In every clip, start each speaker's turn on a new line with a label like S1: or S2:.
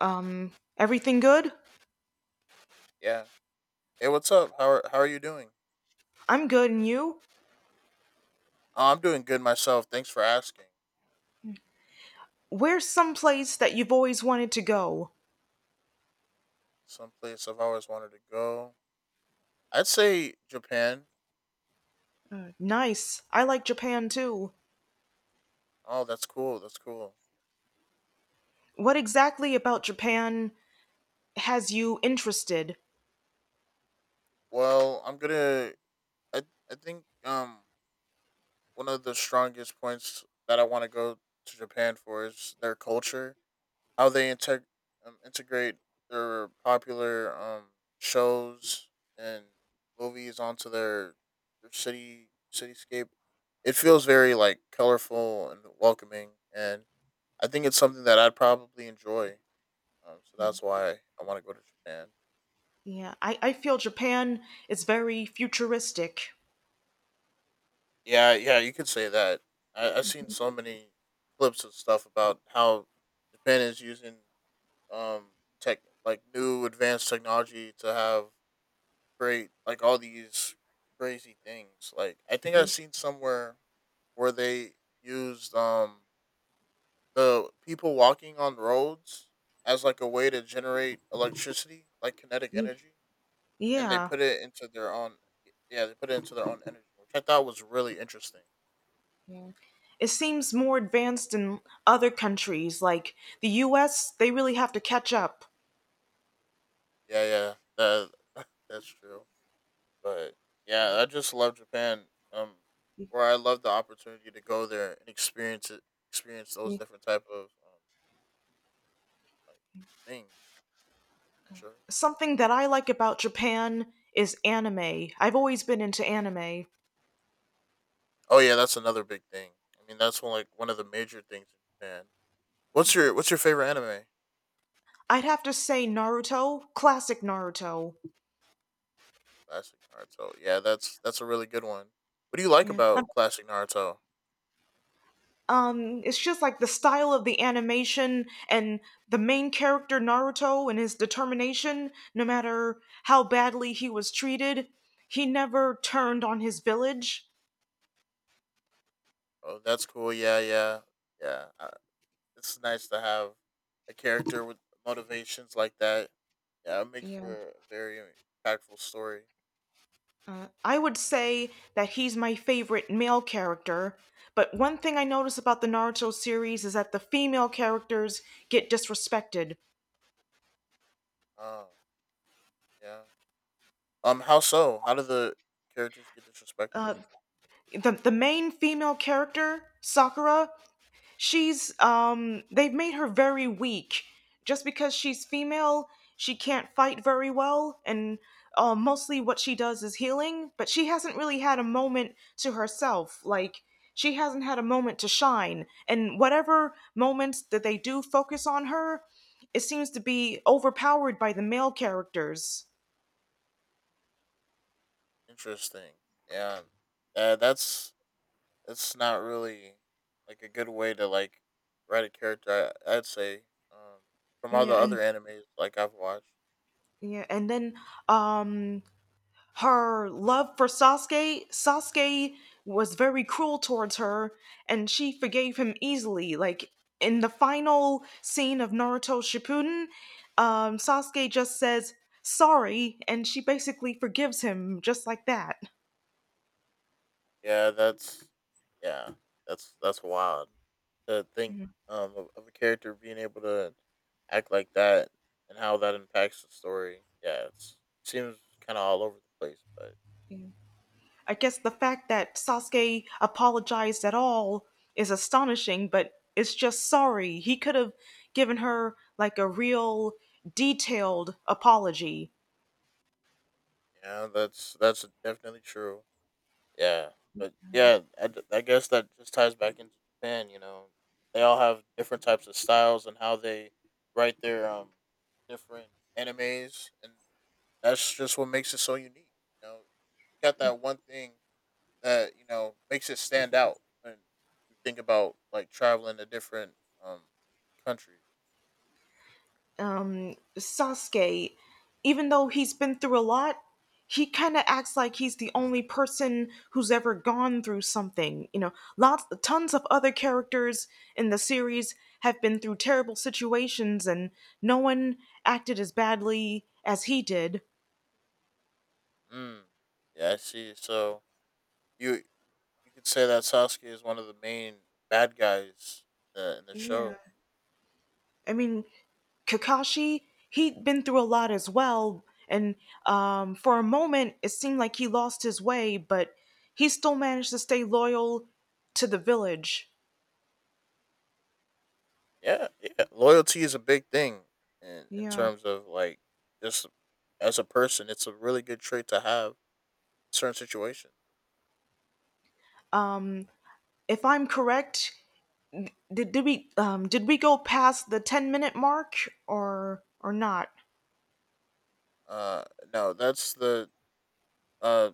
S1: Um, Everything good?
S2: Yeah. Hey, what's up? How are you doing?
S1: I'm good, and you?
S2: Oh, I'm doing good myself. Thanks for asking.
S1: Where's some place that you've always wanted to go?
S2: Some place I've always wanted to go. I'd say Japan.
S1: Nice. I like Japan too.
S2: Oh, that's cool. That's cool.
S1: What exactly about Japan has you interested?
S2: Well, I'm gonna. I I think one of the strongest points that I want to go to Japan for is their culture. How they integ Integrate their popular shows and movies onto their cityscape. It feels very like colorful and welcoming, and I think it's something that I'd probably enjoy. So that's why I want to go to Japan.
S1: Yeah, I feel Japan is very futuristic.
S2: Yeah, yeah, you could say that. I've seen so many clips of stuff about how Japan is using um tech, like new advanced technology to have create like all these crazy things. Like I think I've
S1: Ye-
S2: seen somewhere where they used the people walking on roads as like a way to generate electricity, like kinetic
S1: ye-
S2: energy, and they
S1: Yeah.
S2: put it into their own. Yeah, they put it into their own energy, which I thought was really interesting.
S1: Yeah. It seems more advanced in other countries like the US, they really have to catch up.
S2: Yeah, yeah, that that's true. But yeah, I just love Japan. Um, where I love the opportunity to go there and experience it, experience those
S1: Ye-
S2: different type of like things. Sure.
S1: Something that I like about Japan is anime. I've always been into anime.
S2: Oh yeah, that's another big thing. I mean, that's one like one of the major things in Japan. What's your favorite anime?
S1: I'd have to say Naruto, classic Naruto.
S2: Classic Naruto. Yeah, that's a really good one. What do you like
S1: Yeah.
S2: about classic Naruto?
S1: It's just like the style of the animation and the main character Naruto and his determination, no matter how badly he was treated, he never turned on his village.
S2: Oh, that's cool. Yeah, yeah, yeah. It's nice to have a character with motivations like that. Yeah, it makes
S1: Yeah.
S2: for a very impactful story.
S1: I would say that he's my favorite male character, but one thing I notice about the Naruto series is that the female characters get disrespected.
S2: Oh, yeah. How so? How do the characters get disrespected?
S1: Uh, the main female character, Sakura, she's they've made her very weak just because she's female she can't fight very well and mostly what she does is healing, but she hasn't really had a moment to herself, like she hasn't had a moment to shine, and whatever moments that they do focus on her it seems to be overpowered by the male characters.
S2: Interesting. Yeah, that's it's not really like a good way to like write a character. I'd say um, from all
S1: Yeah
S2: the
S1: and
S2: other animes like I've watched.
S1: yeah and then um Her love for Sasuke. Was very cruel towards her, and she forgave him easily. Like in the final scene of Naruto Shippuden, Sasuke just says sorry, and she basically forgives him just like that.
S2: Yeah, that's yeah, that's wild to think of a character being able to act like that and how that impacts the story. Yeah, it seems kind of all over the place, but
S1: Yeah. I guess the fact that Sasuke apologized at all is astonishing, but it's just sorry. He could have given her like a real detailed apology.
S2: yeah, that's definitely true. Yeah, but yeah, I guess that just ties back into Japan. You know, they all have different types of styles and how they write their different animes, and that's just what makes it so unique. You know, got that one thing that you know makes it stand out when you think about like traveling to different um countries.
S1: Sasuke, even though he's been through a lot, he kind of acts like he's the only person who's ever gone through something. You know, lots, tons of other characters in the series have been through terrible situations, and no one acted as badly as he did.
S2: Mm. Yeah, I see. So you you could say that Sasuke is one of the main bad guys in the
S1: Yeah.
S2: show.
S1: I mean, Kakashi, he'd been through a lot as well, and for a moment it seemed like he lost his way, but he still managed to stay loyal to the village.
S2: Yeah, yeah. Loyalty is a big thing in
S1: Yeah.
S2: terms of like just as a person, it's a really good trait to have in certain situations.
S1: Um, if I'm correct, did we go past the 10 minute mark or not?
S2: Uh no, that's the uh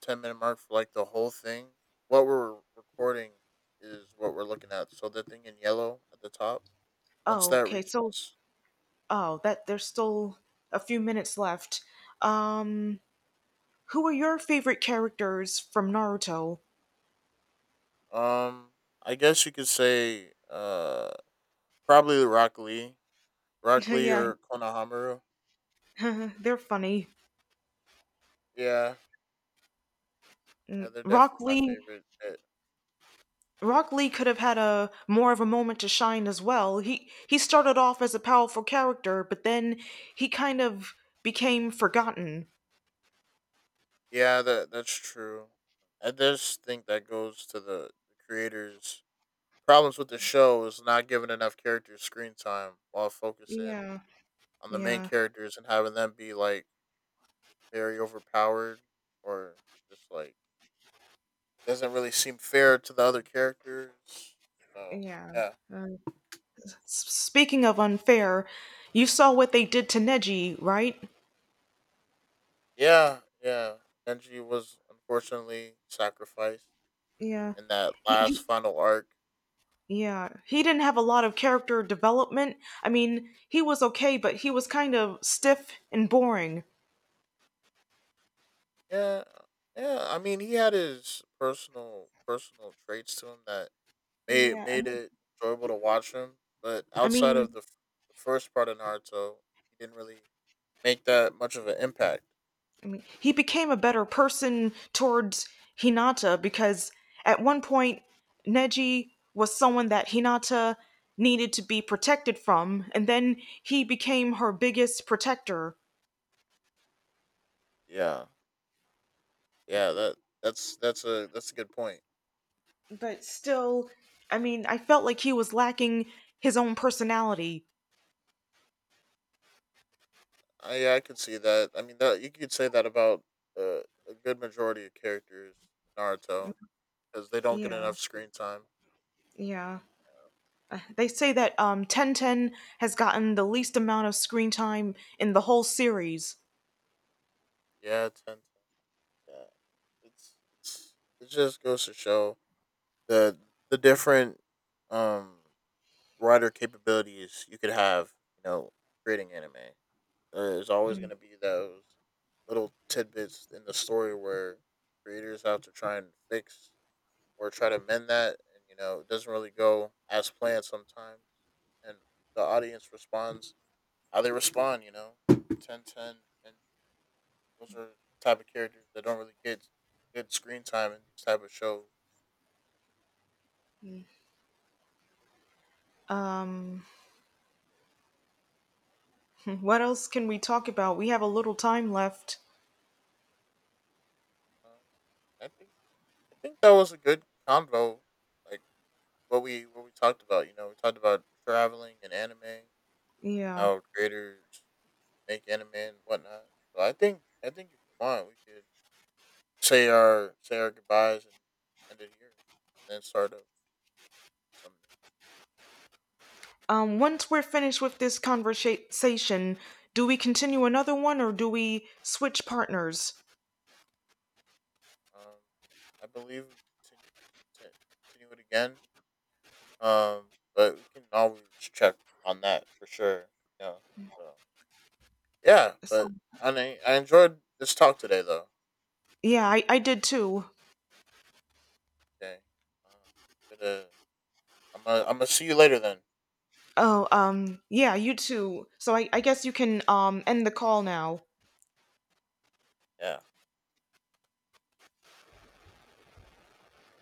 S2: 10 minute mark for like the whole thing. What we're recording is what we're looking at. So the thing in yellow at the top, once
S1: Oh,
S2: that
S1: okay.
S2: reaches
S1: That there's still a few minutes left. Um, who are your favorite characters from Naruto?
S2: um I guess you could say probably Rock Lee. Rock Lee
S1: Yeah,
S2: or Konohamaru.
S1: they're funny.
S2: Yeah. Yeah, they're
S1: Rock
S2: definitely my
S1: Lee
S2: favorite.
S1: Rock Lee could have had a more of a moment to shine as well. He started off as a powerful character, but then he kind of became forgotten.
S2: Yeah, that's true. I just think that goes to the creators' problems with the show is not giving enough characters screen time while focusing
S1: Yeah,
S2: on the main
S1: yeah,
S2: characters and having them be like very overpowered or just like doesn't really seem fair to the other characters. So
S1: yeah.
S2: yeah,
S1: And speaking of unfair, you saw what they did to Neji, right?
S2: yeah, yeah. Denji was unfortunately sacrificed
S1: Yeah.
S2: in that last
S1: He
S2: final arc.
S1: yeah, he didn't have a lot of character development. I mean, he was okay, but he was kind of stiff and boring.
S2: Yeah, yeah. I mean, he had his personal traits to him that
S1: Yeah, I
S2: made
S1: mean,
S2: it enjoyable to watch him. But
S1: I
S2: outside of
S1: mean,
S2: the first part of Naruto, he didn't really make that much of an impact.
S1: he became a better person towards Hinata because at one point Neji was someone that Hinata needed to be protected from, and then he became her biggest protector.
S2: Yeah, yeah. That's a good point.
S1: But still, I mean, I felt like he was lacking his own personality.
S2: I yeah, I could see that. I mean, that you could say that about uh, a good majority of characters in Naruto because they don't get
S1: Yeah,
S2: enough screen time.
S1: yeah. They say that Tenten has gotten the least amount of screen time in the whole series.
S2: Yeah, ten. Yeah, it's it just goes to show the the different um writer capabilities you could have, you know, creating anime. There's always
S1: Mm-hmm.
S2: going to be those little tidbits in the story where creators have to try and fix or try to mend that, and you know, it doesn't really go as planned sometimes, and the audience responds how they respond. You know, ten ten, and those are type of characters that don't really get good screen time in these type of shows.
S1: What else can we talk about, we have a little time left.
S2: Uh, I think I think that was a good convo. Like what we talked about. You know, we talked about traveling and anime,
S1: Yeah.
S2: how creators make anime and whatnot. So I think if you want, we could say our goodbyes and end it here, and then start up something.
S1: Once we're finished with this conversation, do we continue another one or do we switch partners?
S2: Um, I believe we continue it again. But we can always check on that for sure. Yeah. So yeah,
S1: So-
S2: but I enjoyed this talk today though.
S1: Yeah, I did too.
S2: Okay. Um, gonna, I'm gonna see you later then.
S1: Oh, yeah, you too. So I guess you can end the call now.
S2: Yeah.